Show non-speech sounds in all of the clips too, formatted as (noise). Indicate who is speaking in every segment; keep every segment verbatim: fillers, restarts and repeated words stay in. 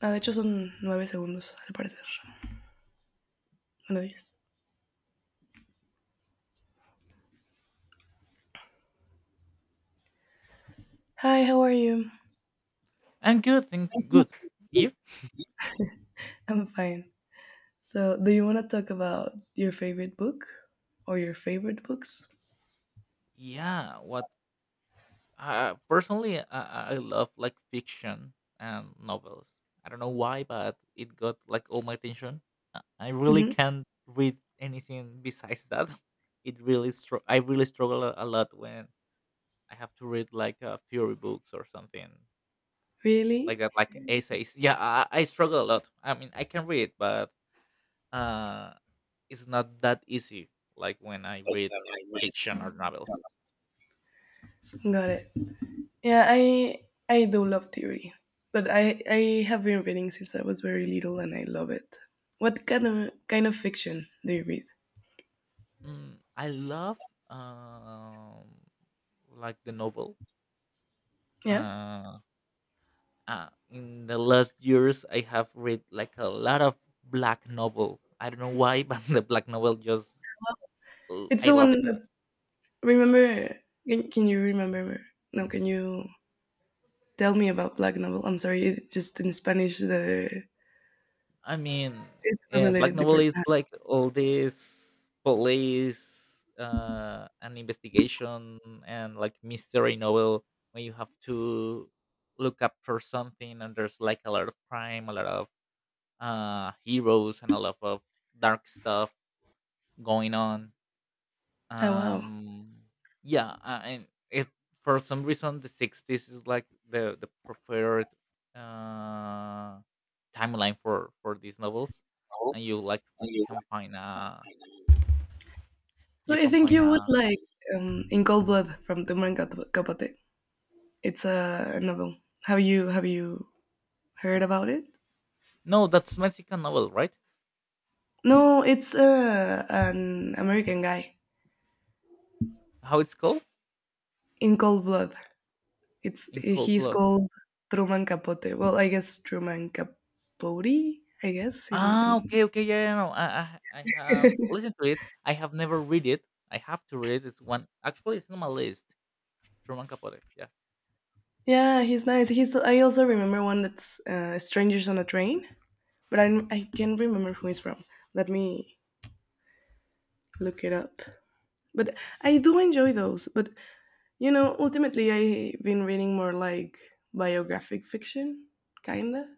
Speaker 1: Ah, de hecho son nueve segundos, al parecer. Bueno, ten. Hi, how are you?
Speaker 2: I'm good. Thank good. You?
Speaker 1: I'm fine. So, do you want to talk about your favorite book or your favorite books?
Speaker 2: Yeah. What? Uh, personally, I, I love like fiction and novels. I don't know why, but it got like all my attention. I really
Speaker 1: Hmm.
Speaker 2: can't read anything besides that. (laughs) It really str- I really struggle a a lot when I have to read like uh, theory books or something like
Speaker 1: Really?
Speaker 2: that, like essays. Yeah, I, I struggle a lot. I mean, I can read, but uh, it's not that easy. Like when I read fiction or novels.
Speaker 1: Got it. Yeah, I I do love theory, but I I have been reading since I was very little, and I love it. What kind of kind of fiction do you read?
Speaker 2: Mm, I love um like the novel.
Speaker 1: Yeah,
Speaker 2: Uh, uh in the last years I have read like a lot of black novel. I don't know why, (laughs) but the black novel just l-
Speaker 1: it's
Speaker 2: I
Speaker 1: the
Speaker 2: love
Speaker 1: one
Speaker 2: it.
Speaker 1: that's remember. Can, can you remember? No, can you tell me about Black Novel. I'm sorry, it- just in Spanish, the
Speaker 2: I mean,
Speaker 1: it's
Speaker 2: uh, black
Speaker 1: formulated
Speaker 2: novel
Speaker 1: different.
Speaker 2: is like all this police uh and investigation and like mystery novel when you have to look up for something and there's like a lot of crime, a lot of uh heroes and a lot of dark stuff going on
Speaker 1: Oh wow!
Speaker 2: um yeah, uh, and it, for some reason the sixties is like the the preferred uh timeline for for these novels,
Speaker 1: Oh,
Speaker 2: and you like
Speaker 1: and you
Speaker 2: can
Speaker 1: like-
Speaker 2: find a
Speaker 1: so
Speaker 2: you
Speaker 1: I
Speaker 2: can
Speaker 1: think
Speaker 2: find
Speaker 1: you would
Speaker 2: a
Speaker 1: like um, In Cold Blood from Truman Cap- Capote. It's a novel. Have you have you heard about it?
Speaker 2: no, that's Mexican novel, right?
Speaker 1: No, it's uh, an American guy
Speaker 2: How it's called
Speaker 1: in Cold Blood. It's
Speaker 2: in cold
Speaker 1: he's
Speaker 2: blood
Speaker 1: called Truman Capote. Well, I guess Truman Capote. I guess in,
Speaker 2: ah
Speaker 1: in
Speaker 2: okay okay yeah, yeah no, I, I i have listened to it, I have never read it. I have to read it. It's one, actually, it's on my list. Truman Capote. Yeah.
Speaker 1: yeah, he's nice. He's. I also remember one that's uh, "Strangers on a Train," but I I can't remember who he's from. Let me look it up. But I do enjoy those. But you know, ultimately, I've been reading more like biographic fiction, kinda.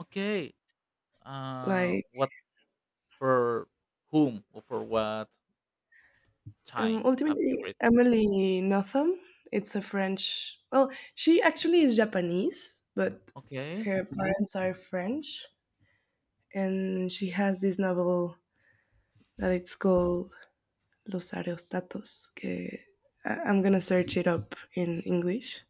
Speaker 2: Okay. Uh,
Speaker 1: Like
Speaker 2: what for whom or for what
Speaker 1: um,
Speaker 2: time have you
Speaker 1: ultimately,
Speaker 2: read?
Speaker 1: Emily Nothomb. It's a French. Well, she actually is Japanese, but
Speaker 2: Okay.
Speaker 1: her parents are French, and she has this novel that it's called Los Areostatos. Que I am gonna search it up in English,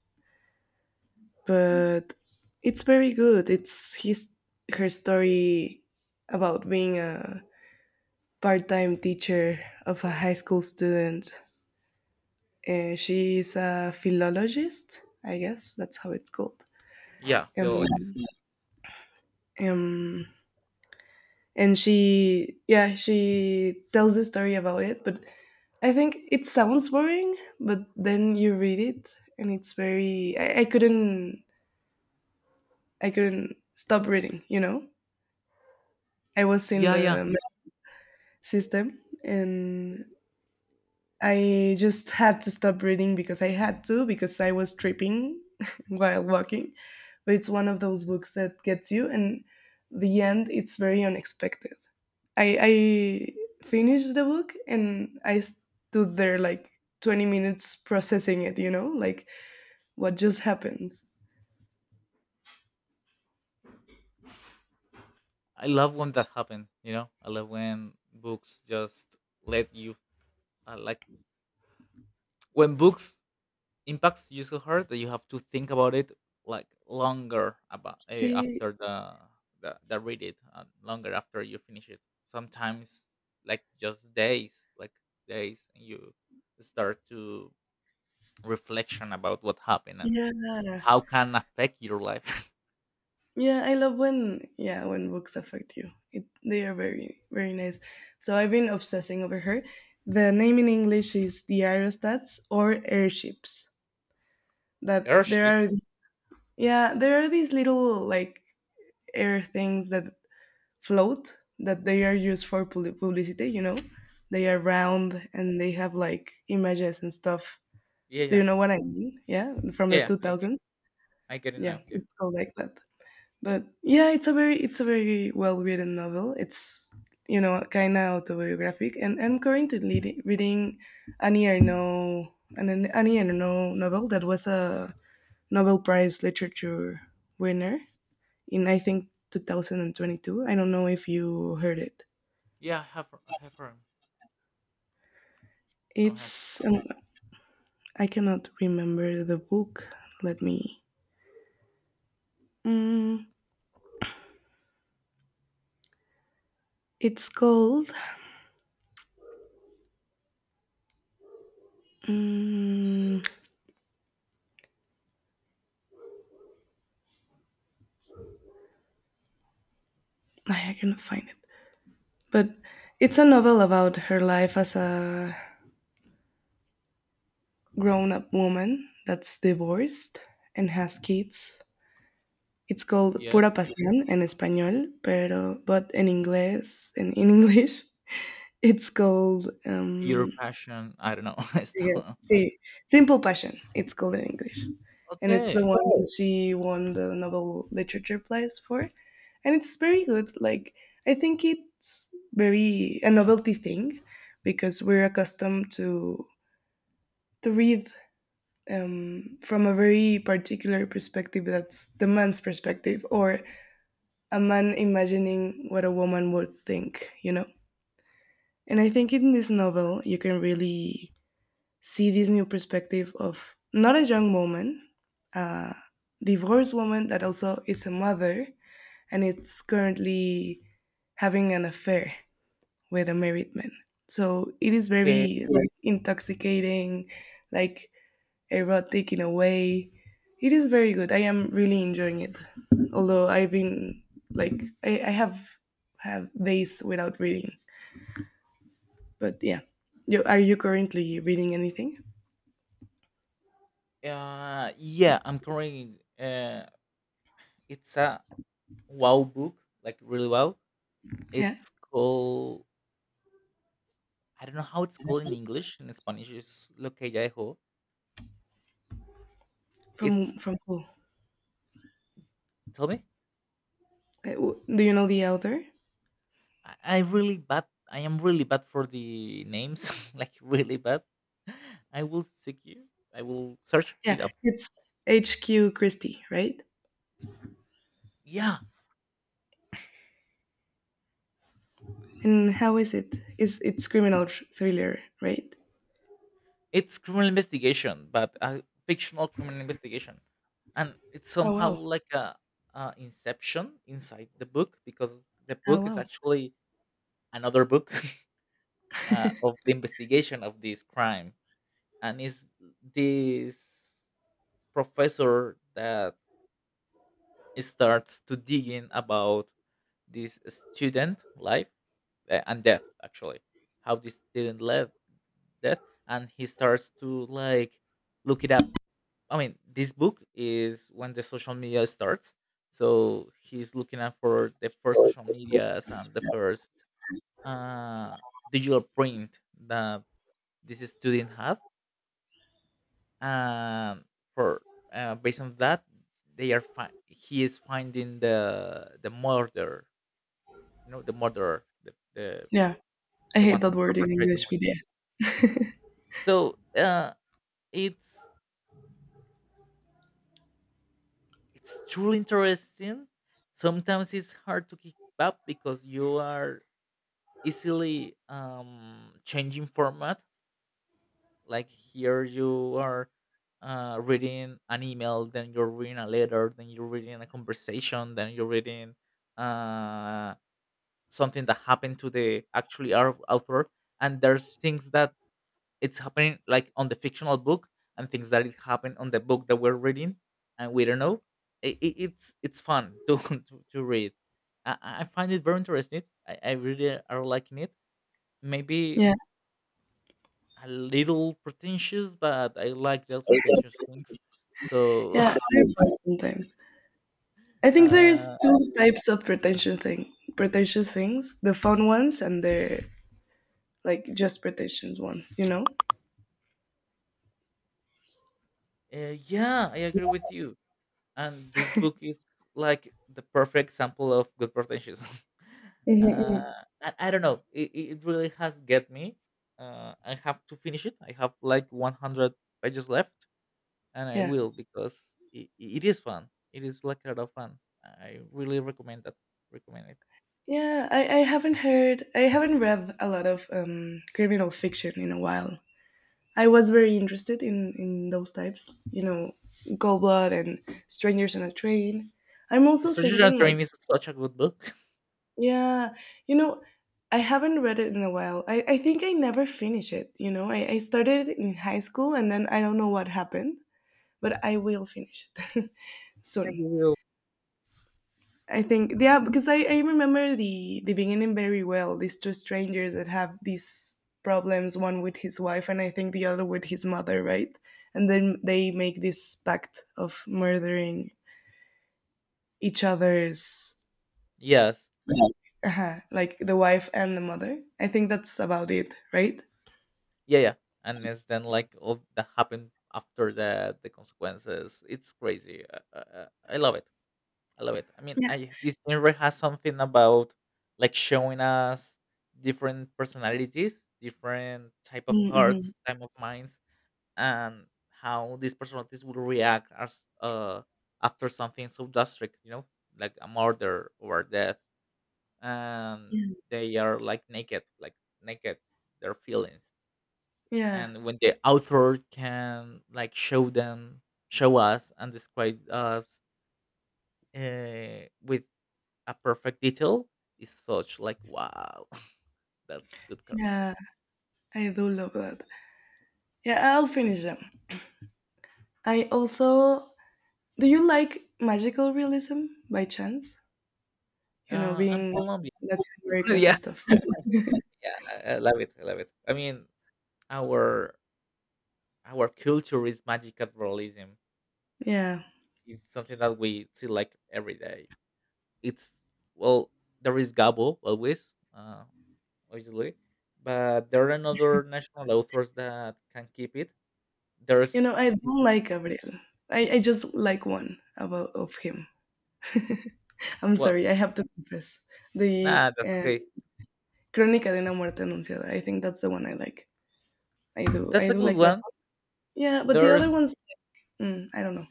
Speaker 1: but it's very good. It's his her story about being a part-time teacher of a high school student. Uh, she is a philologist, I guess that's how it's called.
Speaker 2: Yeah,
Speaker 1: Um,
Speaker 2: philologist.
Speaker 1: um, and she yeah she tells the story about it but I think it sounds boring but then you read it and it's very i, I couldn't i couldn't stop reading you know I was in
Speaker 2: Yeah, yeah.
Speaker 1: the system and I just had to stop reading because I had to because I was tripping (laughs) while walking but it's one of those books that gets you and the end it's very unexpected I, I finished the book and I stood there like twenty minutes processing it, you know, like what just happened.
Speaker 2: I love when that happen. You know, I love when books just let you uh, like when books impacts you so hard that you have to think about it like longer about uh,
Speaker 1: See,
Speaker 2: after the, the the read it, and longer after you finish it sometimes, like just days, like days, and you start to reflection about what happened and
Speaker 1: yeah.
Speaker 2: how can affect your life.
Speaker 1: Yeah, I love when yeah, when books affect you. It, they are very very nice. So I've been obsessing over her. The name in English is the aerostats or airships.
Speaker 2: (laughs)
Speaker 1: That there are
Speaker 2: Airships.
Speaker 1: yeah, there are these little like air things that float that they are used for publi- publicity, you know? They are round and they have like images and stuff.
Speaker 2: Yeah,
Speaker 1: Do
Speaker 2: yeah.
Speaker 1: you know what I mean? Yeah, from
Speaker 2: yeah
Speaker 1: the
Speaker 2: yeah, i
Speaker 1: two thousands.
Speaker 2: i get it
Speaker 1: Yeah,
Speaker 2: now. Yeah.
Speaker 1: it's called like that. But yeah, it's a very it's a very well written novel. It's you know kind of autobiographic, and I'm currently leadi- reading Annie Ernaux, an an Annie Ernaux novel that was a Nobel Prize literature winner in I think two thousand twenty-two. I don't know if you heard it.
Speaker 2: Yeah i have, i have heard, i have
Speaker 1: It's um, I cannot remember the book. Let me. Mm, it's called. Mm, I cannot find it, but it's a novel about her life as a grown-up woman that's divorced and has kids. It's called
Speaker 2: yes.
Speaker 1: Pura Pasión in español, pero but in English, in, in English, (laughs) it's called
Speaker 2: Pure
Speaker 1: um,
Speaker 2: passion, I don't know. (laughs) I
Speaker 1: Yes,
Speaker 2: still-
Speaker 1: see, Simple Passion, it's called in English. And it's the
Speaker 2: okay,
Speaker 1: one Oh, that she won the Nobel Literature Prize for. And it's very good. Like, I think it's very a novelty thing because we're accustomed to to read um, from a very particular perspective that's the man's perspective or a man imagining what a woman would think, you know? And I think in this novel, you can really see this new perspective of not a young woman, a divorced woman that also is a mother and it's currently having an affair with a married man. So it is
Speaker 2: okay.
Speaker 1: very like intoxicating, like erotic in a way. It is very good. I am really enjoying it. Although I've been like I, I have had days without reading. But yeah. You, are you currently reading anything?
Speaker 2: Uh, yeah, I'm currently. Uh, it's a wow book, like really wow.
Speaker 1: Yeah.
Speaker 2: It's called. I don't know how it's called in English. In Spanish, it's Lo que ya dejó. It's.
Speaker 1: From from who?
Speaker 2: Tell me.
Speaker 1: Uh, w- Do you know the author?
Speaker 2: I, I really bad. I am really bad for the names. (laughs) Like really bad. I will seek you. I will search it
Speaker 1: Yeah,
Speaker 2: up.
Speaker 1: it's H Q. Christie, right?
Speaker 2: Yeah,
Speaker 1: And how is it? Is it's criminal thr- thriller, right?
Speaker 2: it's criminal investigation, but a fictional criminal investigation, and it's
Speaker 1: Oh
Speaker 2: somehow
Speaker 1: wow!
Speaker 2: like a, a inception inside the book because the
Speaker 1: Oh
Speaker 2: book is
Speaker 1: wow!
Speaker 2: actually another book. (laughs) Uh, of the investigation of this crime, and it's this professor that starts to digging about this student life, uh, and death actually, how this student left death, and he starts to like look it up. I mean, this book is when the social media starts. So he's looking out for the first social medias and the first uh, digital print that this student had. And for uh, based on that, they are fi- he is finding the the murder, you know, the murderer, the the,
Speaker 1: Yeah, I
Speaker 2: the
Speaker 1: hate
Speaker 2: one
Speaker 1: that
Speaker 2: who
Speaker 1: word in
Speaker 2: perpetrated the
Speaker 1: English,
Speaker 2: murder.
Speaker 1: but yeah,
Speaker 2: So uh, it's it's truly interesting. Sometimes it's hard to keep up because you are easily um, changing format. Like here, you are uh, reading an email, then you're reading a letter, then you're reading a conversation, then you're reading uh, something that happened to the actually our author. And there's things that it's happening like on the fictional book, and things that it happened on the book that we're reading, and we don't know. It, it, it's it's fun (laughs) to to, to read. I, I find it very interesting. I, I really are liking it. Maybe
Speaker 1: yeah,
Speaker 2: a little pretentious, but I like the pretentious things. So,
Speaker 1: yeah.
Speaker 2: (laughs)
Speaker 1: They're fun sometimes. I think there's
Speaker 2: uh,
Speaker 1: two types of pretentious thing, pretentious things: the fun ones and the like just pretentious one. You know?
Speaker 2: eh, yeah, I agree with you. And this book is like the perfect example of good pretentious. (laughs) uh,
Speaker 1: Mhm.
Speaker 2: I, I don't know. It, it it really has get me. Uh, I have to finish it. I have like one hundred pages left, and I
Speaker 1: Yeah.
Speaker 2: will because it, it is fun. It is like a lot of fun. I really recommend that. Recommend it.
Speaker 1: Yeah, I, I haven't heard, I haven't read a lot of um, criminal fiction in a while. I was very interested in in those types, you know, Cold Blood and Strangers on a Train. I'm also
Speaker 2: Stranger
Speaker 1: thinking
Speaker 2: Train
Speaker 1: like,
Speaker 2: is such a good book. (laughs)
Speaker 1: yeah, you know, I haven't read it in a while. I, I think I never finished it, you know. I, I started it in high school and then I don't know what happened, but I will finish it (laughs)
Speaker 2: Yeah,
Speaker 1: soon.
Speaker 2: you will.
Speaker 1: I think yeah, because I, I remember the the beginning very well. These two strangers that have these problems, one with his wife and I think the other with his mother, right? And then they make this pact of murdering each other's
Speaker 2: Yes.
Speaker 1: yeah. Uh, like the wife and the mother. I think that's about it, right?
Speaker 2: Yeah, yeah. And it's then like all that happened after that, the consequences. It's crazy. Uh, uh, uh, I love it. I love it. I mean,
Speaker 1: Yeah.
Speaker 2: I this genre has something about like showing us different personalities, different type of
Speaker 1: Mm-hmm.
Speaker 2: hearts, type of minds, and how these personalities will react as uh after something so drastic, you know, like a murder or death. And
Speaker 1: Yeah.
Speaker 2: they are like naked, like naked their feelings,
Speaker 1: Yeah.
Speaker 2: and when the author can like show them show us and describe us uh, with a perfect detail is such like wow. (laughs) That's good characters
Speaker 1: Yeah. I do love that. Yeah, I'll finish them. I also do you like magical realism by chance? You know,
Speaker 2: uh and
Speaker 1: being
Speaker 2: Colombia.
Speaker 1: Latin
Speaker 2: (laughs)
Speaker 1: American
Speaker 2: Yeah,
Speaker 1: and stuff.
Speaker 2: yeah I, I love it, i love it, I mean, our our culture is magical realism.
Speaker 1: Yeah.
Speaker 2: It's something that we see like every day. It's, well, there is Gabo always, uh obviously, but there are another national authors that can keep it.
Speaker 1: You
Speaker 2: There's,
Speaker 1: know, I don't like Gabriel. I, I just like one about of him. (laughs) I'm
Speaker 2: well,
Speaker 1: sorry, I have to confess. The
Speaker 2: nah, that's okay.
Speaker 1: um, Crónica de una muerte anunciada. I think that's the one I like. I do.
Speaker 2: That's
Speaker 1: I
Speaker 2: a
Speaker 1: do
Speaker 2: good
Speaker 1: like that
Speaker 2: one.
Speaker 1: one. Yeah, but the
Speaker 2: There's,
Speaker 1: other ones, mm, I don't know.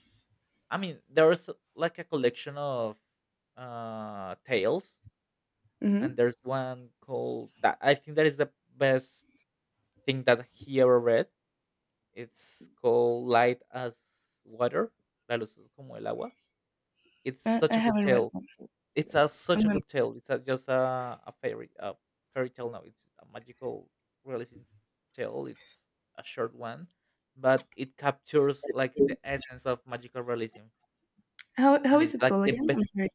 Speaker 2: I mean, there's like a collection of uh tales, and
Speaker 1: Hmm.
Speaker 2: there's one called that I think that is the best thing that he ever read. It's called Light as Water, La luz es como el agua. It's
Speaker 1: I, I
Speaker 2: such a good
Speaker 1: haven't read
Speaker 2: tale.
Speaker 1: one.
Speaker 2: It's a, such
Speaker 1: I'm
Speaker 2: a
Speaker 1: gonna.
Speaker 2: good tale. It's a, just a, a fairy a fairy tale. No, it's a magical realism tale. It's a short one, but it captures like the essence of magical realism,
Speaker 1: How how
Speaker 2: and it's
Speaker 1: is it
Speaker 2: like
Speaker 1: called
Speaker 2: the
Speaker 1: again? I'm
Speaker 2: best.
Speaker 1: sorry.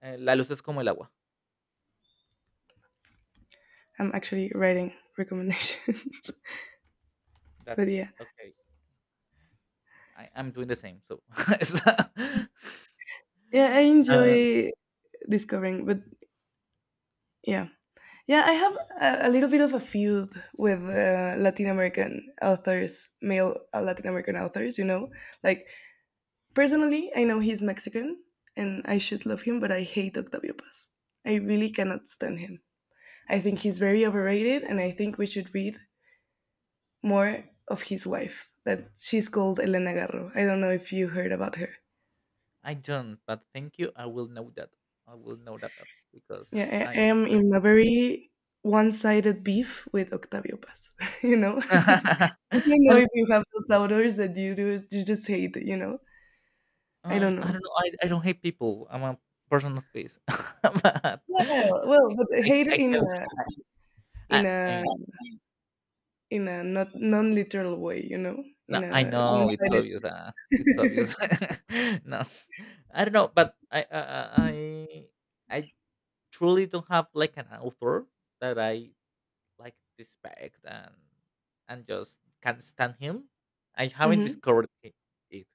Speaker 2: Uh, La luz es como el agua.
Speaker 1: I'm actually writing recommendations. (laughs)
Speaker 2: That's
Speaker 1: But yeah,
Speaker 2: okay. I, I'm doing the same. So, (laughs) it's- (laughs)
Speaker 1: yeah, I
Speaker 2: uh,
Speaker 1: enjoy discovering. But yeah, yeah, I have a, a little bit of a feud with uh, Latin American authors, male uh, Latin American authors, you know? Like, personally, I know he's Mexican and I should love him, but I hate Octavio Paz. I really cannot stand him. I think he's very overrated and I think we should read more of his wife, that she's called Elena Garro. I don't know if you heard about her.
Speaker 2: I don't. But thank you. I will know that. I will know that up because
Speaker 1: Yeah, I, I
Speaker 2: I'm
Speaker 1: am
Speaker 2: interested.
Speaker 1: in a very one-sided beef with Octavio Paz. (laughs) You know,
Speaker 2: (laughs)
Speaker 1: (laughs) you know
Speaker 2: I
Speaker 1: if you have those doubters that you do, you just hate. You know, I
Speaker 2: Um,
Speaker 1: don't
Speaker 2: I
Speaker 1: know.
Speaker 2: don't know. I I don't hate people. I'm a person of peace. (laughs) But I
Speaker 1: Well, well, but
Speaker 2: I
Speaker 1: hate
Speaker 2: I
Speaker 1: in
Speaker 2: can
Speaker 1: a
Speaker 2: understand. I
Speaker 1: in
Speaker 2: I
Speaker 1: a
Speaker 2: mean,
Speaker 1: in a not non-literal way. You know,
Speaker 2: no,
Speaker 1: in
Speaker 2: I
Speaker 1: a
Speaker 2: know it's
Speaker 1: one-sided.
Speaker 2: obvious. Uh, it's obvious.
Speaker 1: (laughs)
Speaker 2: (laughs) No, I don't know. But I I I I I truly don't have like an author that I like respect and and just can't stand him. I haven't
Speaker 1: Hmm.
Speaker 2: discovered it.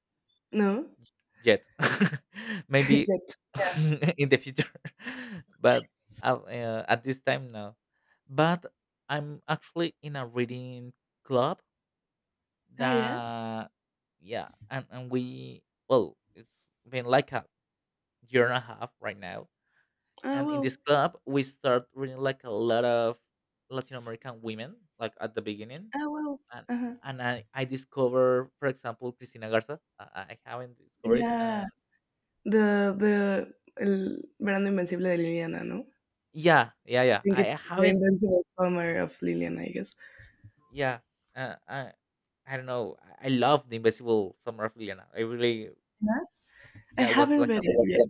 Speaker 1: No,
Speaker 2: Yet. (laughs)
Speaker 1: (laughs)
Speaker 2: Maybe
Speaker 1: yet. Yeah.
Speaker 2: (laughs) in the future, (laughs) but uh, uh, at this time no, but I'm actually in a reading club
Speaker 1: Ah, yeah.
Speaker 2: that, yeah, and, and we, well, it's been like a year and a half right now,
Speaker 1: Ah,
Speaker 2: and in this
Speaker 1: well.
Speaker 2: club we start reading like a lot of Latin American women like at the beginning,
Speaker 1: Ah, well.
Speaker 2: and
Speaker 1: Uh-huh.
Speaker 2: and i, I discover, for example, Cristina Garza, i, I haven't discovered.
Speaker 1: Yeah. The the el verano invencible de Liliana, ¿no?
Speaker 2: Yeah, yeah, yeah.
Speaker 1: Think
Speaker 2: I
Speaker 1: it's The
Speaker 2: haven't.
Speaker 1: Invincible Summer of Lillian, I guess.
Speaker 2: Yeah, uh, I, I don't know. I I love the Invisible Summer of Liliana. I really,
Speaker 1: I
Speaker 2: yeah, it was
Speaker 1: haven't
Speaker 2: like
Speaker 1: read
Speaker 2: a.
Speaker 1: it yet.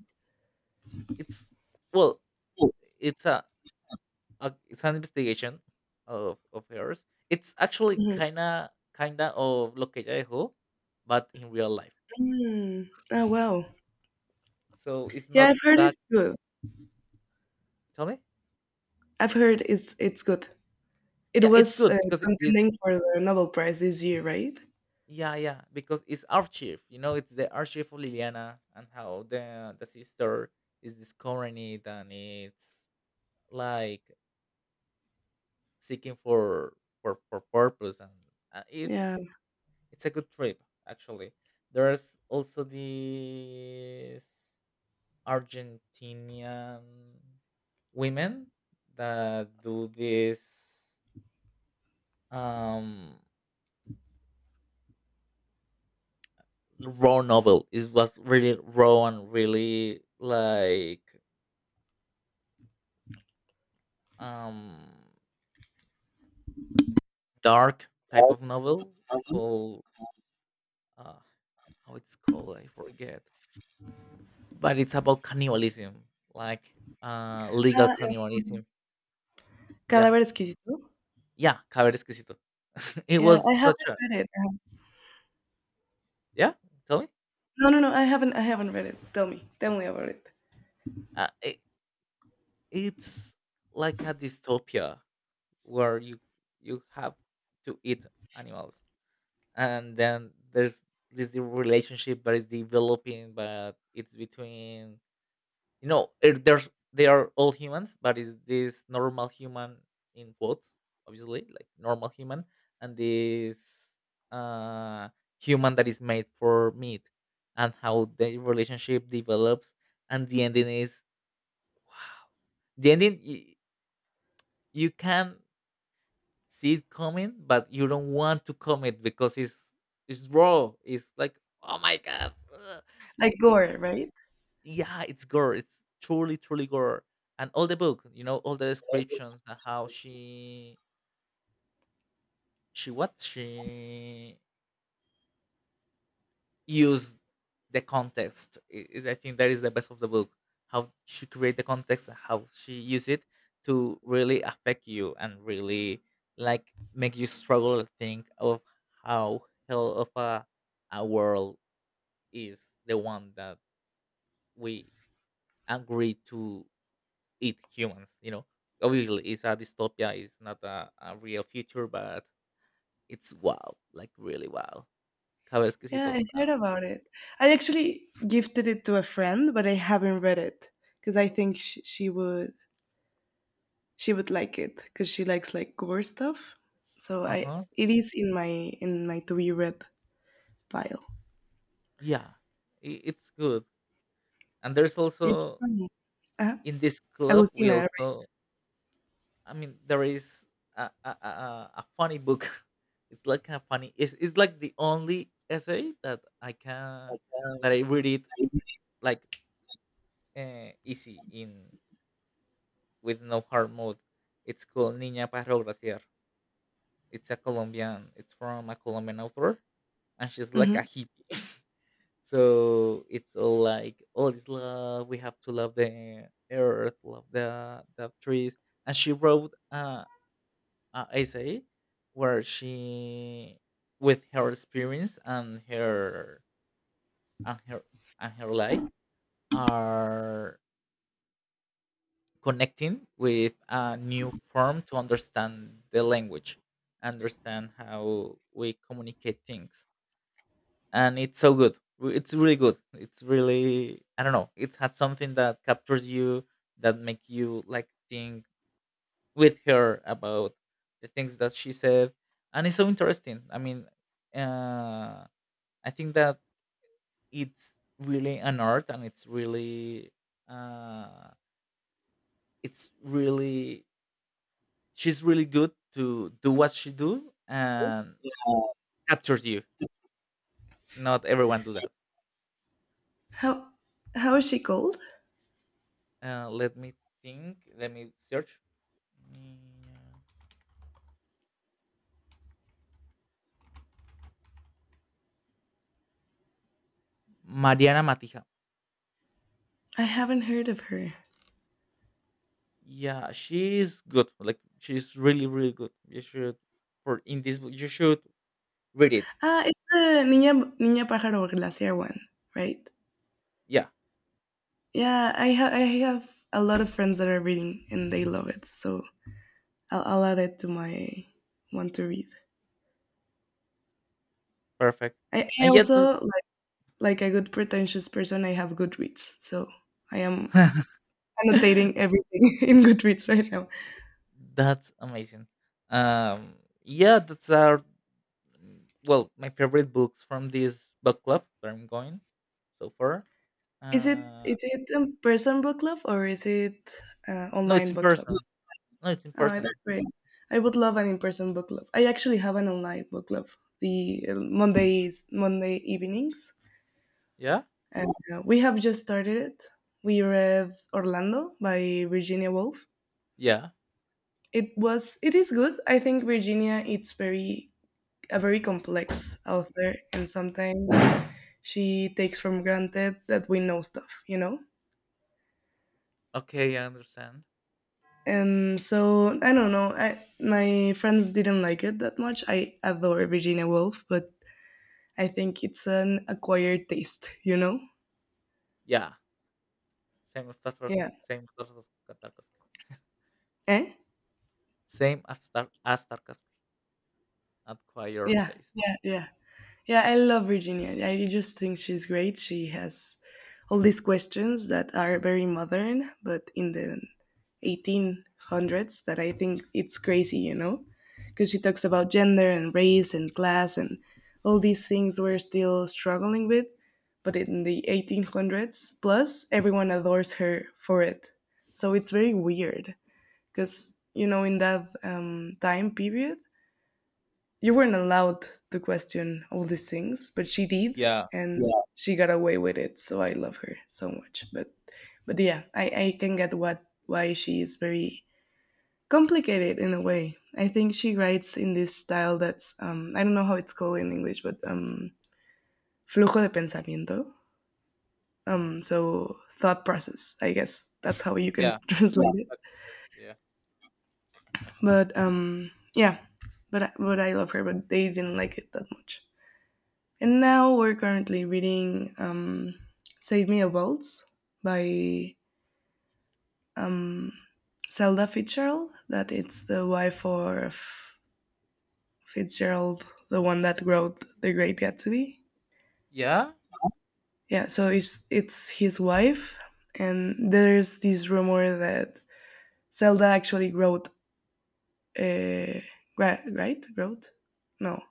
Speaker 2: It's, well, it's a, a it's an investigation of of hers. It's actually
Speaker 1: Mhm.
Speaker 2: kinda kinda of of Lo que ella dejó, but in real life.
Speaker 1: Mm. Oh wow!
Speaker 2: So it's
Speaker 1: Yeah,
Speaker 2: not
Speaker 1: I've heard
Speaker 2: that.
Speaker 1: it's good.
Speaker 2: Tell me.
Speaker 1: I've heard it's it's good. It
Speaker 2: Yeah, it's
Speaker 1: was
Speaker 2: good
Speaker 1: uh,
Speaker 2: because it. it
Speaker 1: contending for the Nobel Prize this year, right?
Speaker 2: Yeah, yeah, because it's archive. You know, it's the archive of Liliana and how the the sister is discovering it, and it's like seeking for for for purpose, and uh,
Speaker 1: Yeah.
Speaker 2: it's it's a good trip actually. There's also the Argentinian women that do this um raw novel. It was really raw and really like um dark type of novel,
Speaker 1: Uh,
Speaker 2: called uh how it's called, I forget. But it's about cannibalism, like, uh, legal
Speaker 1: um,
Speaker 2: cannibalism. Yeah,
Speaker 1: Cadaver Exquisito.
Speaker 2: yeah, Caber Exquisito. (laughs) It
Speaker 1: Yeah,
Speaker 2: was
Speaker 1: I haven't
Speaker 2: such a
Speaker 1: read it. Uh,
Speaker 2: yeah, tell me?
Speaker 1: No, no, no. I haven't. I haven't read it. Tell me. Tell me about it.
Speaker 2: Uh, it it's like a dystopia where you you have to eat animals, and then there's this the relationship that is developing, but it's between, you know, it, there's they are all humans, but is this normal human in quotes obviously, like normal human, and this uh human that is made for meat, and how the relationship develops and the ending is wow. The ending, y- you can see it coming, but you don't want to comment because it's it's raw. It's like oh my god, ugh.
Speaker 1: Like
Speaker 2: I- i-
Speaker 1: gore, right?
Speaker 2: Yeah, it's gore. It's truly, truly gore. And all the book, you know, all the descriptions and how she she what she used the context, i- is I think that is the best of the book. How she create the context and how she use it to really affect you and really like make you struggle and think of how hell of a, a world is the one that we agree to eat humans. You know, obviously, it's a dystopia. It's not a, a real future, but it's wow, like really wow. Cabe
Speaker 1: Yeah, I
Speaker 2: exquisito.
Speaker 1: heard about it. I actually gifted it to a friend, but I haven't read it because I think she, she would she would like it because she likes like gore stuff. So
Speaker 2: Uh
Speaker 1: I
Speaker 2: huh.
Speaker 1: it is in my in my to be read pile.
Speaker 2: Yeah, i- it's good. And there's
Speaker 1: It's
Speaker 2: also
Speaker 1: funny. Uh,
Speaker 2: in this club we
Speaker 1: Agustina, right?
Speaker 2: also. I mean, there is a a, a, a a funny book. (laughs) It's like a funny. It's it's like the only essay that I can that I read it like uh, easy in with no hard mode. It's called Niña para Graciar. It's a Colombian. It's from a Colombian author, and she's like a
Speaker 1: Hmm.
Speaker 2: hippie. So it's all like all is love. We have to love the earth, love the the trees. And she wrote uh, a essay where she, with her experience and her and her and her life, are connecting with a new form to understand the language understand how we communicate things, and it's so good. Re- It's really good. It's really, I don't know. It had something that captures you, that make you like think with her about the things that she said, and it's so interesting. I mean, uh, I think that it's really an art, and it's really uh, it's really, she's really good to do what she do and captures you. Not everyone do that.
Speaker 1: How how is she called?
Speaker 2: Uh, let me think. Let me search. Mm, Yeah. Mariana Matija.
Speaker 1: I haven't heard of her.
Speaker 2: Yeah, she's good. Like she's really, really good. You should, for in this book you should read it.
Speaker 1: Ah, it's the Niña Niña Pájaro Glacier one, right?
Speaker 2: Yeah,
Speaker 1: Yeah, I have I have a lot of friends that are reading and they love it. So I'll, I'll add it to my want to read.
Speaker 2: perfect.
Speaker 1: I, I
Speaker 2: And yet.
Speaker 1: also like like a good pretentious person. I have Goodreads, so I am
Speaker 2: (laughs)
Speaker 1: annotating everything (laughs) in Goodreads right now.
Speaker 2: That's amazing. Um yeah, that's our, well, my favorite books from this book club that I'm going so far.
Speaker 1: Is it
Speaker 2: Uh
Speaker 1: is it a person book club or is it uh,
Speaker 2: no, it's
Speaker 1: online
Speaker 2: in
Speaker 1: book club?
Speaker 2: person. No, it's in
Speaker 1: Oh,
Speaker 2: person.
Speaker 1: that's great. I would love an in person book club. I actually have an online book club. The uh, Mondays Monday evenings.
Speaker 2: Yeah?
Speaker 1: And uh, we have just started it. We read Orlando by Virginia Woolf.
Speaker 2: Yeah.
Speaker 1: It was it is good. I think Virginia it's very a very complex author and sometimes she takes from granted that we know stuff, you know?
Speaker 2: Okay, I understand.
Speaker 1: And so I don't know. I, my friends didn't like it that much. I adore Virginia Woolf, but I think it's an acquired taste, you know?
Speaker 2: Yeah. Same as Starcraft,
Speaker 1: Yeah.
Speaker 2: same as Star- Tarkovsky.
Speaker 1: Eh?
Speaker 2: (laughs) Same as Star as Tarkovsky. Acquire
Speaker 1: Yeah.
Speaker 2: taste.
Speaker 1: Yeah. Yeah. Yeah, I love Virginia. I just think she's great. She has all these questions that are very modern, but in the eighteen hundreds, that I think it's crazy, you know? Because she talks about gender and race and class and all these things we're still struggling with. But in the eighteen hundreds, plus, everyone adores her for it. So it's very weird because, you know, in that um, time period, you weren't allowed to question all these things, but she did,
Speaker 2: Yeah,
Speaker 1: and yeah. She got away with it. So I love her so much. But but yeah, I, I can get what why she is very complicated in a way. I think she writes in this style that's um, I don't know how it's called in English, but um, flujo de pensamiento. Um, so thought process, I guess that's how you can
Speaker 2: yeah,
Speaker 1: (laughs) translate yeah. it.
Speaker 2: that process, yeah.
Speaker 1: But um, yeah, but but I love her, but they didn't like it that much. And now we're currently reading um, Save Me a Waltz by um, Zelda Fitzgerald, that it's the wife of Fitzgerald, the one that wrote The Great Gatsby.
Speaker 2: Yeah?
Speaker 1: Yeah, so it's, it's his wife, and there's this rumor that Zelda actually wrote, uh, right? Wrote? No.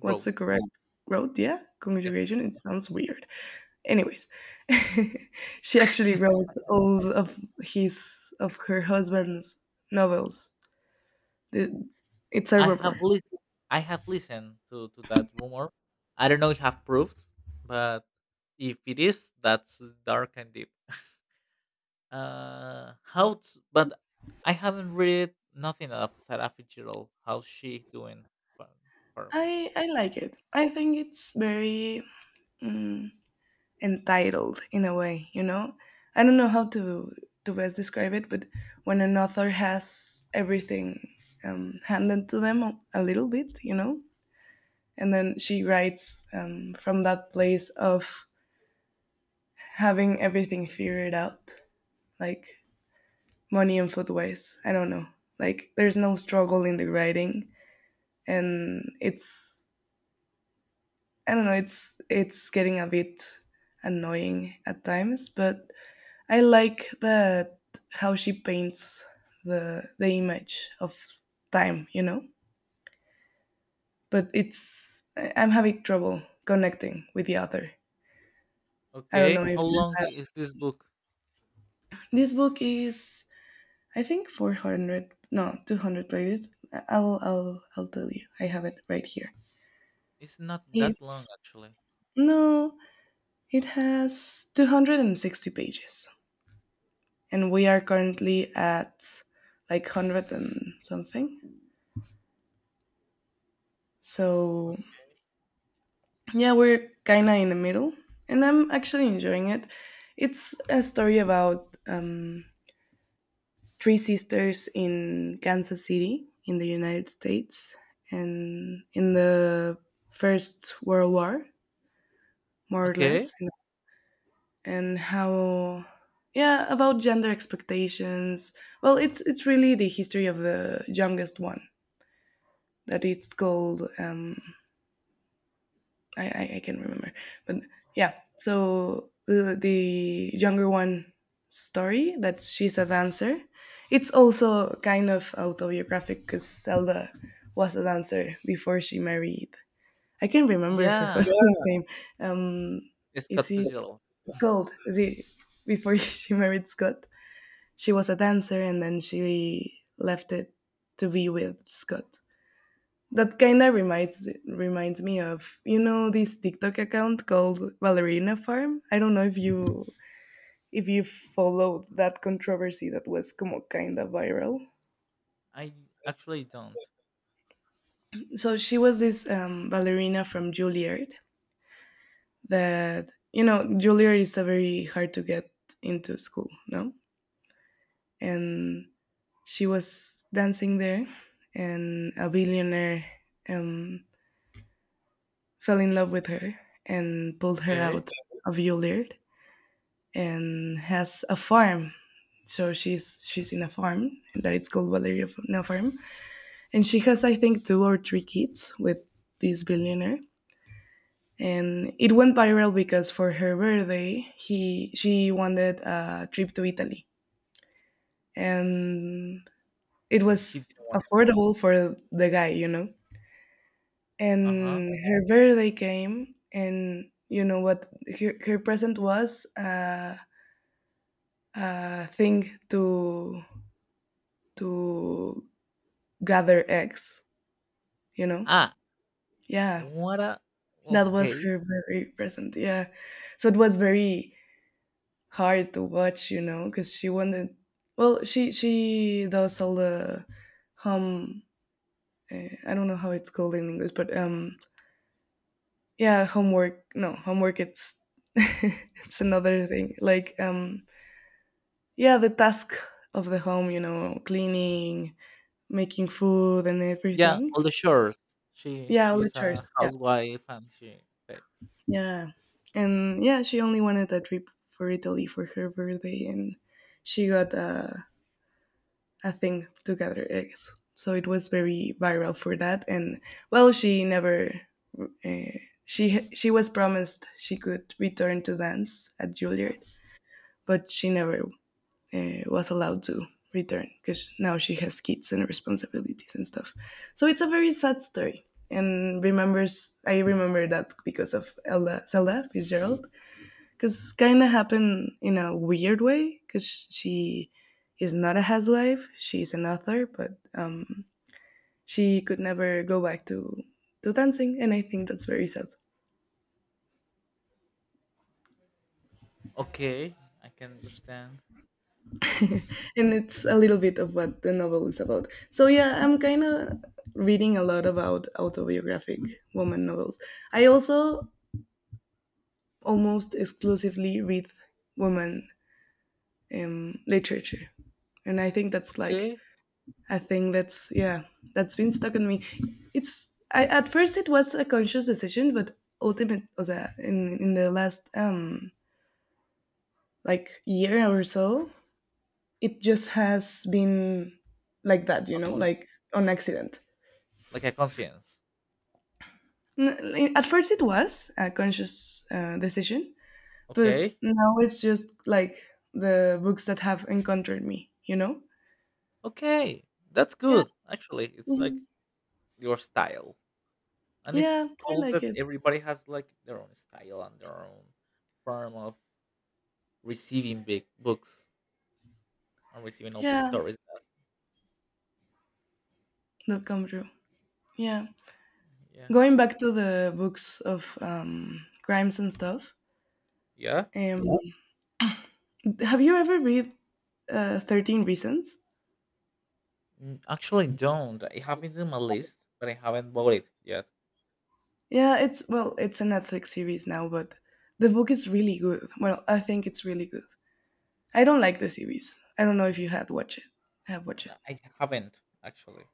Speaker 1: What's the correct? Wrote, yeah?
Speaker 2: Yeah.
Speaker 1: Conjugation? It sounds weird. Anyways, (laughs) she actually wrote all of his of her husband's novels. The- It's a
Speaker 2: I have
Speaker 1: rumor.
Speaker 2: lis I have listened to to that rumor. I don't know if I have proofs, but if it is, that's dark and deep. Uh, how? t- but I haven't read nothing of Sarah Fitzgerald. How's she doing? Far, far away.
Speaker 1: I I like it. I think it's very mm, entitled in a way. You know, I don't know how to to best describe it, but when an author has everything um, handed to them a- a little bit, you know, and then she writes um, from that place of having everything figured out, like money and food wise. I don't know. Like there's no struggle in the writing, and it's I don't know. It's it's getting a bit annoying at times, but I like that how she paints the the image of time. You know, but it's I- I'm having trouble connecting with the author. I don't
Speaker 2: Okay,
Speaker 1: know
Speaker 2: how
Speaker 1: if
Speaker 2: long
Speaker 1: uh,
Speaker 2: is this book?
Speaker 1: this book is, I think, four hundred no two hundred pages. I'll I'll I'll tell you. I have it right here.
Speaker 2: It's not that
Speaker 1: It's
Speaker 2: long actually.
Speaker 1: No, it has two hundred sixty pages, and we are currently at like a hundred and something.
Speaker 2: O
Speaker 1: So, yeah, we're kind of in the middle, and I'm actually enjoying it. It's a story about um, three sisters in Kansas City, in the United States, and in the First World War, more or
Speaker 2: Okay.
Speaker 1: less, and how yeah about gender expectations. Well, it's it's really the history of the youngest one, that it's called um i i, I can remember, but yeah, so the the younger one story, that she's a dancer. It's also kind of autobiographic because Zelda was a dancer before she married. I can remember her (laughs)
Speaker 2: Yeah,
Speaker 1: husband's name. Um is
Speaker 2: Scott
Speaker 1: he
Speaker 2: Fitzgerald.
Speaker 1: it's called is he Before (laughs) she married Scott, she was a dancer and then she left it to be with Scott. That kind of reminds reminds me of, you know, this TikTok account called Ballerina Farm. I don't know if you, if you follow that controversy that was como kind of viral.
Speaker 2: I actually don't.
Speaker 1: So she was this um, ballerina from Juilliard, that, you know, Juilliard is a very hard to get into school, no? And she was dancing there, and a billionaire um, fell in love with her and pulled her
Speaker 2: Okay.
Speaker 1: out of Yulird and has a farm. So she's she's in a farm that it's called Valeria Farm, and she has, I think, two or three kids with this billionaire. And it went viral because for her birthday, he she wanted a trip to Italy, and it
Speaker 2: He didn't
Speaker 1: was
Speaker 2: want.
Speaker 1: affordable for the guy, you know.
Speaker 2: Uh-huh.
Speaker 1: And her birthday came, and you know what, her, her present was uh, a thing to to gather eggs, you know.
Speaker 2: Ah,
Speaker 1: Yeah,
Speaker 2: what a,
Speaker 1: that was
Speaker 2: okay.
Speaker 1: her very present. Yeah, so it was very hard to watch, you know, because she wanted, well, she she does all the home, uh, I don't know how it's called in English, but um yeah homework. No, homework, it's (laughs) it's another thing, like, um yeah, the task of the home, you know, cleaning, making food and
Speaker 2: Yeah,
Speaker 1: everything.
Speaker 2: all the chores. She
Speaker 1: Yeah, all the
Speaker 2: she's a
Speaker 1: chores. Yeah.
Speaker 2: housewife and she, okay.
Speaker 1: Yeah. And yeah, she only wanted a trip for Italy for her birthday, and she got a, a thing to gather eggs. So it was very viral for that. And well, she never, uh, she, she was promised she could return to dance at Juilliard, but she never uh, was allowed to return because now she has kids and responsibilities and stuff. So it's a very sad story. And remembers I remember that because of Elda, Zelda Fitzgerald, because kind of happened in a weird way, because she is not a housewife; she's an author, but um, she could never go back to to dancing, and I think that's very sad.
Speaker 2: Okay, I can understand.
Speaker 1: And it's a little bit of what the novel is about. So yeah, I'm kind of reading a lot about autobiographic woman novels. I also almost exclusively read woman um, literature, and I think that's like
Speaker 2: Okay.
Speaker 1: a thing that's yeah that's been stuck on me. It's I, at first, it was a conscious decision, but ultimate was that in in the last um like year or so, it just has been like that, you
Speaker 2: A
Speaker 1: know,
Speaker 2: con
Speaker 1: like on accident.
Speaker 2: Like a conscience.
Speaker 1: N- At first, it was a conscious uh, decision, but
Speaker 2: Okay.
Speaker 1: now it's just like the books that have encountered me, you know?
Speaker 2: Okay. That's
Speaker 1: Yeah.
Speaker 2: good. Actually, it's like
Speaker 1: Mhm.
Speaker 2: your style. And it's
Speaker 1: Yeah, I
Speaker 2: cool
Speaker 1: like
Speaker 2: that
Speaker 1: it.
Speaker 2: everybody has like their own style and their own form of receiving big books and receiving all the
Speaker 1: Yeah,
Speaker 2: stories that,
Speaker 1: that come true. Yeah.
Speaker 2: yeah,
Speaker 1: Going back to the books of um, crimes and stuff,
Speaker 2: yeah.
Speaker 1: um, yeah, have you ever read uh, thirteen Reasons?
Speaker 2: Mm, actually don't, I have it in my list but I haven't bought it yet.
Speaker 1: Yeah, it's, well, it's a Netflix series now, but the book is really good. Well, I think it's really good. I don't like the series. I don't know if you had watched it. Have watched it.
Speaker 2: No, I haven't, actually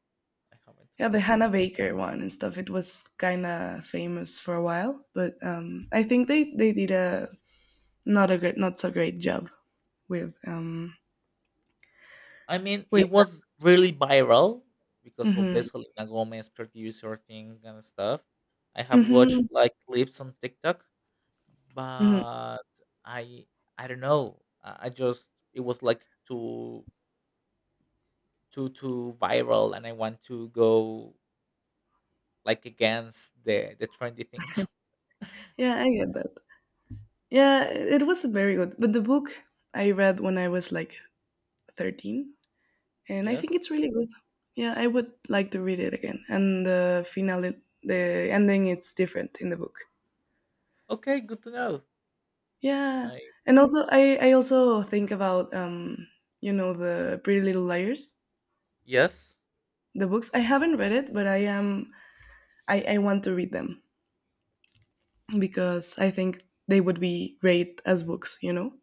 Speaker 2: i haven't I
Speaker 1: Yeah, the Hannah
Speaker 2: haven't.
Speaker 1: Baker one and stuff. It was kind of famous for a while, but um, I think they, they did a not a great, not so great job with um
Speaker 2: I mean,
Speaker 1: with.
Speaker 2: it was really viral because of the
Speaker 1: Hmm.
Speaker 2: Selena Gomez producer thing and stuff. I have watched
Speaker 1: Hmm.
Speaker 2: like clips on TikTok,
Speaker 1: Hmm.
Speaker 2: but I I don't know. I I just it was like too too too viral, and I want to go like against the the trendy things. (laughs)
Speaker 1: Yeah, I get that. Yeah, it was very good. But the book I read when I was like thirteen, and I
Speaker 2: Yes.
Speaker 1: think it's really good. Yeah, I would like to read it again. And the finale, the ending, it's different in the book.
Speaker 2: Okay. Good to know.
Speaker 1: Yeah,
Speaker 2: I,
Speaker 1: and also I I also think about um you know the Pretty Little Liars,
Speaker 2: yes.
Speaker 1: the books. I haven't read it, but I am, I I want to read them because I think they would be great as books. You know,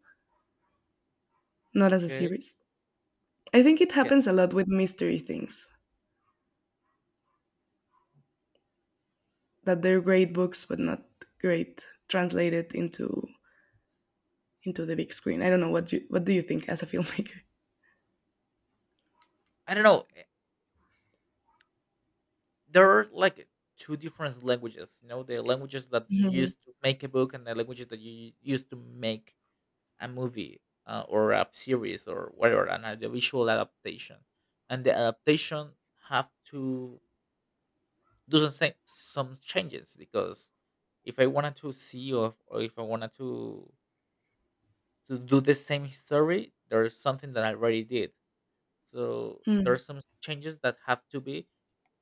Speaker 1: not as a
Speaker 2: Okay.
Speaker 1: series. I think it
Speaker 2: Yeah.
Speaker 1: happens a lot with mystery things, that they're great books but not great translated into into the big screen. I don't know what you, what do you think as a (laughs) filmmaker.
Speaker 2: I don't know. eh, There are like two different languages. You know, the languages that you
Speaker 1: Mhm.
Speaker 2: use to make a book and the languages that you use to make a movie, uh, or a series or whatever, an audiovisual adaptation, and the adaptation have to do some sa- some changes because if I wanted to see, or, or if I wanted to to do the same story, there's something that I already did. So
Speaker 1: Mhm.
Speaker 2: there's some changes that have to be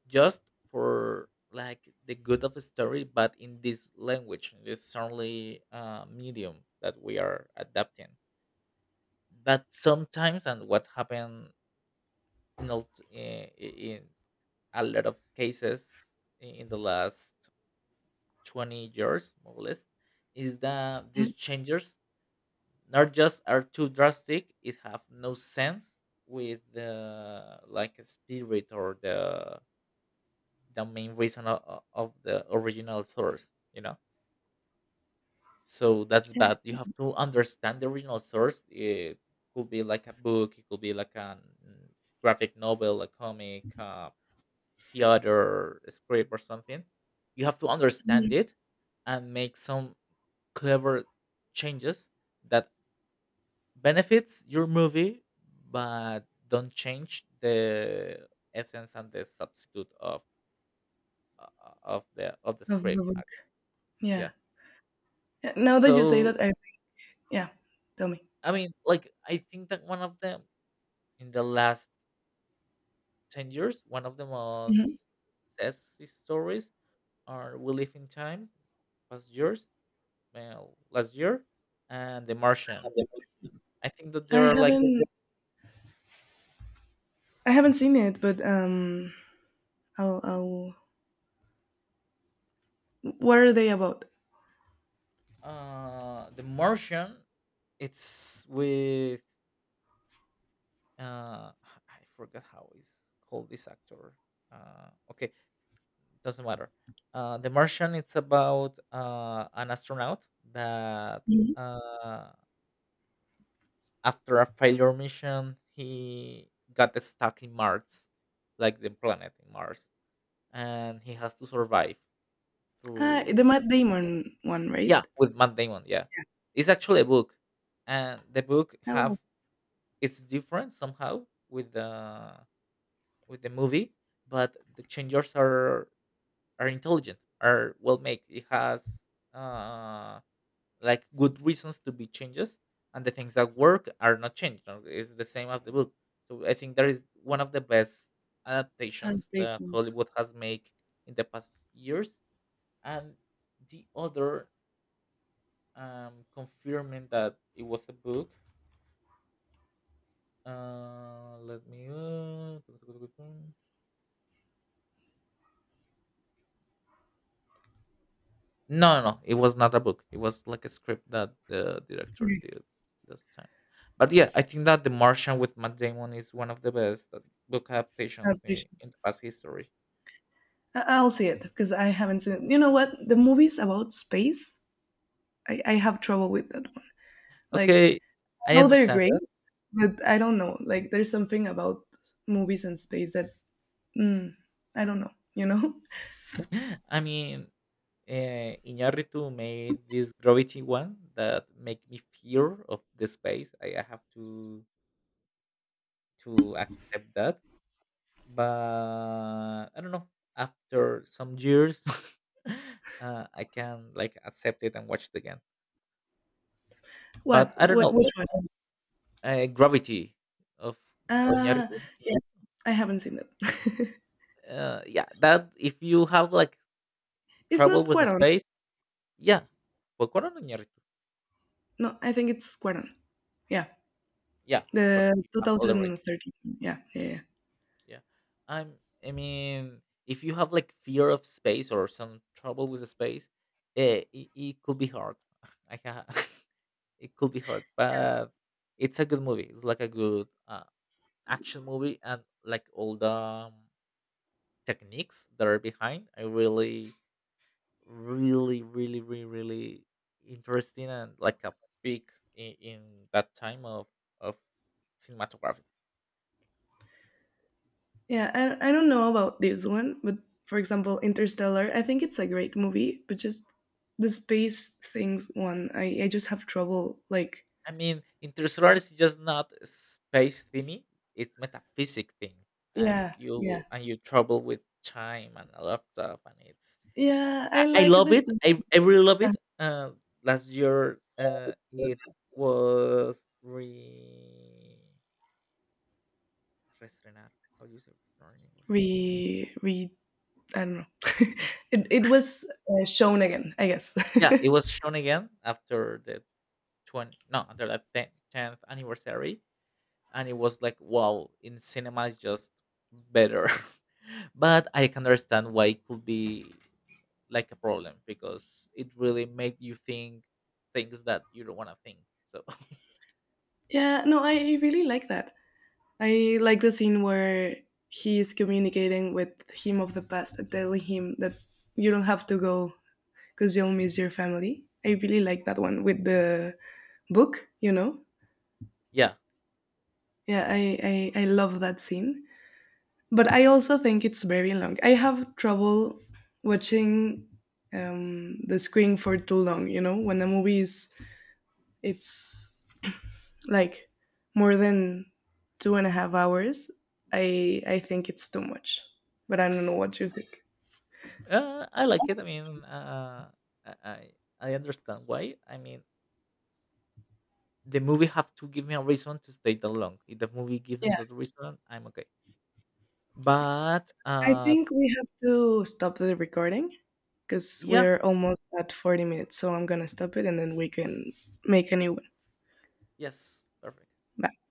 Speaker 2: just for like the good of the story, but in this language, in this only uh, medium that we are adapting. But sometimes, and what happened in, a- eh, in a lot of cases in the last twenty years more or less, is that these changes not just are too drastic, it have no sense with the like spirit or the the main reason of, of the original source, you know. So that's
Speaker 1: Yeah, I
Speaker 2: bad. You have
Speaker 1: see.
Speaker 2: to understand the original source. It could be like a book, it could be like a graphic novel, a comic, a theater script or something. You have to understand
Speaker 1: Mhm.
Speaker 2: it and make some clever changes that benefits your movie, but don't change the essence and the substitute of of the of the
Speaker 1: Of the
Speaker 2: script.
Speaker 1: book.
Speaker 2: Yeah.
Speaker 1: Yeah. Yeah, now that you say
Speaker 2: So,
Speaker 1: that, I, yeah, tell me.
Speaker 2: I mean, like, I think that one of the, in the last ten years, one of the most
Speaker 1: Mhm.
Speaker 2: success stories are We Live in Time past years, well last year, and The Martian. I think that
Speaker 1: I
Speaker 2: there are like,
Speaker 1: haven't I haven't seen it, but um, I'll I'll. What are they about?
Speaker 2: uh The Martian, it's with, uh I forgot how is called this actor. uh okay doesn't matter. uh The Martian, it's about uh an astronaut that,
Speaker 1: Mhm.
Speaker 2: uh after a failure mission, he got stuck in Mars, like the planet in Mars, and he has to survive
Speaker 1: Ah, the
Speaker 2: through,
Speaker 1: Matt Damon one, right?
Speaker 2: yeah, with Matt Damon. Yeah, it's actually a book, and the book
Speaker 1: Oh,
Speaker 2: have,
Speaker 1: well,
Speaker 2: it's different somehow with the, with the movie, but the changers are are intelligent, are well made. It has uh like good reasons to be changes, and the things that work are not changed, no? It's the same as the book. So I think that is one of the best adaptations that
Speaker 1: adaptations.
Speaker 2: Hollywood has made in the past years. And the other, um, confirming that it was a book, uh let me uh, no, no, no. It was not a book. It was like a script that the director
Speaker 1: Okay,
Speaker 2: did this time. But yeah, I think that The Martian with Matt Damon is one of the best uh, book adaptations in, in
Speaker 1: adaptations.
Speaker 2: the past history.
Speaker 1: I- I'll see it because I haven't seen it. You know what? The movies about space, I, I have trouble with that one. Like,
Speaker 2: Okay,
Speaker 1: I
Speaker 2: I
Speaker 1: know they're
Speaker 2: understand
Speaker 1: great,
Speaker 2: that.
Speaker 1: but I don't know. Like, there's something about movies and space that mm, I don't know. You know. (laughs)
Speaker 2: (laughs) I mean, uh, Iñárritu made this Gravity one that make me fear of the space. I, I have to to accept that. But I don't know. After some years, (laughs) uh, I can like accept it and watch it again. But
Speaker 1: What?
Speaker 2: I don't
Speaker 1: What?
Speaker 2: know.
Speaker 1: Which one?
Speaker 2: Uh, Gravity of
Speaker 1: Uh
Speaker 2: Iñárritu.
Speaker 1: yeah. I haven't seen that. (laughs)
Speaker 2: Uh, yeah, that if you have like
Speaker 1: It's
Speaker 2: trouble
Speaker 1: not
Speaker 2: with the
Speaker 1: Cuarón.
Speaker 2: space, yeah, well, Cuarón or Iñárritu.
Speaker 1: No, I think it's Cuarón. Yeah,
Speaker 2: Yeah, it's
Speaker 1: the
Speaker 2: Cuarón. You have all the right.
Speaker 1: two thousand thirteen. Yeah, yeah, yeah.
Speaker 2: Yeah, I'm. I mean, if you have like fear of space or some trouble with the space, eh, it, it could be hard. (laughs) I ha It could be hard, but it's a good movie. It's like a good uh, action movie, and like all the um, techniques that are behind, I really, really, really, really, really interesting and like a peak in, in that time of of cinematography.
Speaker 1: Yeah, I, I don't know about this one, but for example, Interstellar, I think it's a great movie, but just the space things one, I, I just have trouble. Like,
Speaker 2: I mean, Interstellar is just not a space thingy; it's metaphysic thing, and
Speaker 1: yeah, yeah.
Speaker 2: you, and you trouble with time and a lot of stuff, and it's,
Speaker 1: Yeah, I
Speaker 2: I, I
Speaker 1: like
Speaker 2: love
Speaker 1: this.
Speaker 2: it. I, I really love it. Uh, last year, uh, it was re reestrenar. How do you say reestrenar in English?
Speaker 1: Re, re, I don't know. (laughs) it, it was uh, shown again, I guess.
Speaker 2: Yeah, it was shown again after the twenty no after the ten, tenth anniversary, and it was like wow, in cinema is just better. (laughs) But I can understand why it could be like a problem because it really made you think things that you don't want to think. So
Speaker 1: (laughs) Yeah, no, I really like that. I like the scene where he is communicating with him of the past and telling him that you don't have to go because you'll miss your family. I really like that one with the book, you know?
Speaker 2: (laughs) yeah.
Speaker 1: Yeah, I, I, I love that scene. But I also think it's very long. I have trouble watching um, the screen for too long, you know? When a movie is, it's like more than two and a half hours, I I think it's too much. But I don't know what you think.
Speaker 2: Uh, I like it. I mean, uh, I I I understand why. I mean, the movie have to give me a reason to stay that long. If the movie gives me
Speaker 1: Yeah.
Speaker 2: that reason, I'm okay. But
Speaker 1: I
Speaker 2: uh,
Speaker 1: think we have to stop the recording because
Speaker 2: yeah,
Speaker 1: we're almost at forty minutes. So I'm going to stop it and then we can make a new one.
Speaker 2: yes, perfect.
Speaker 1: Bye.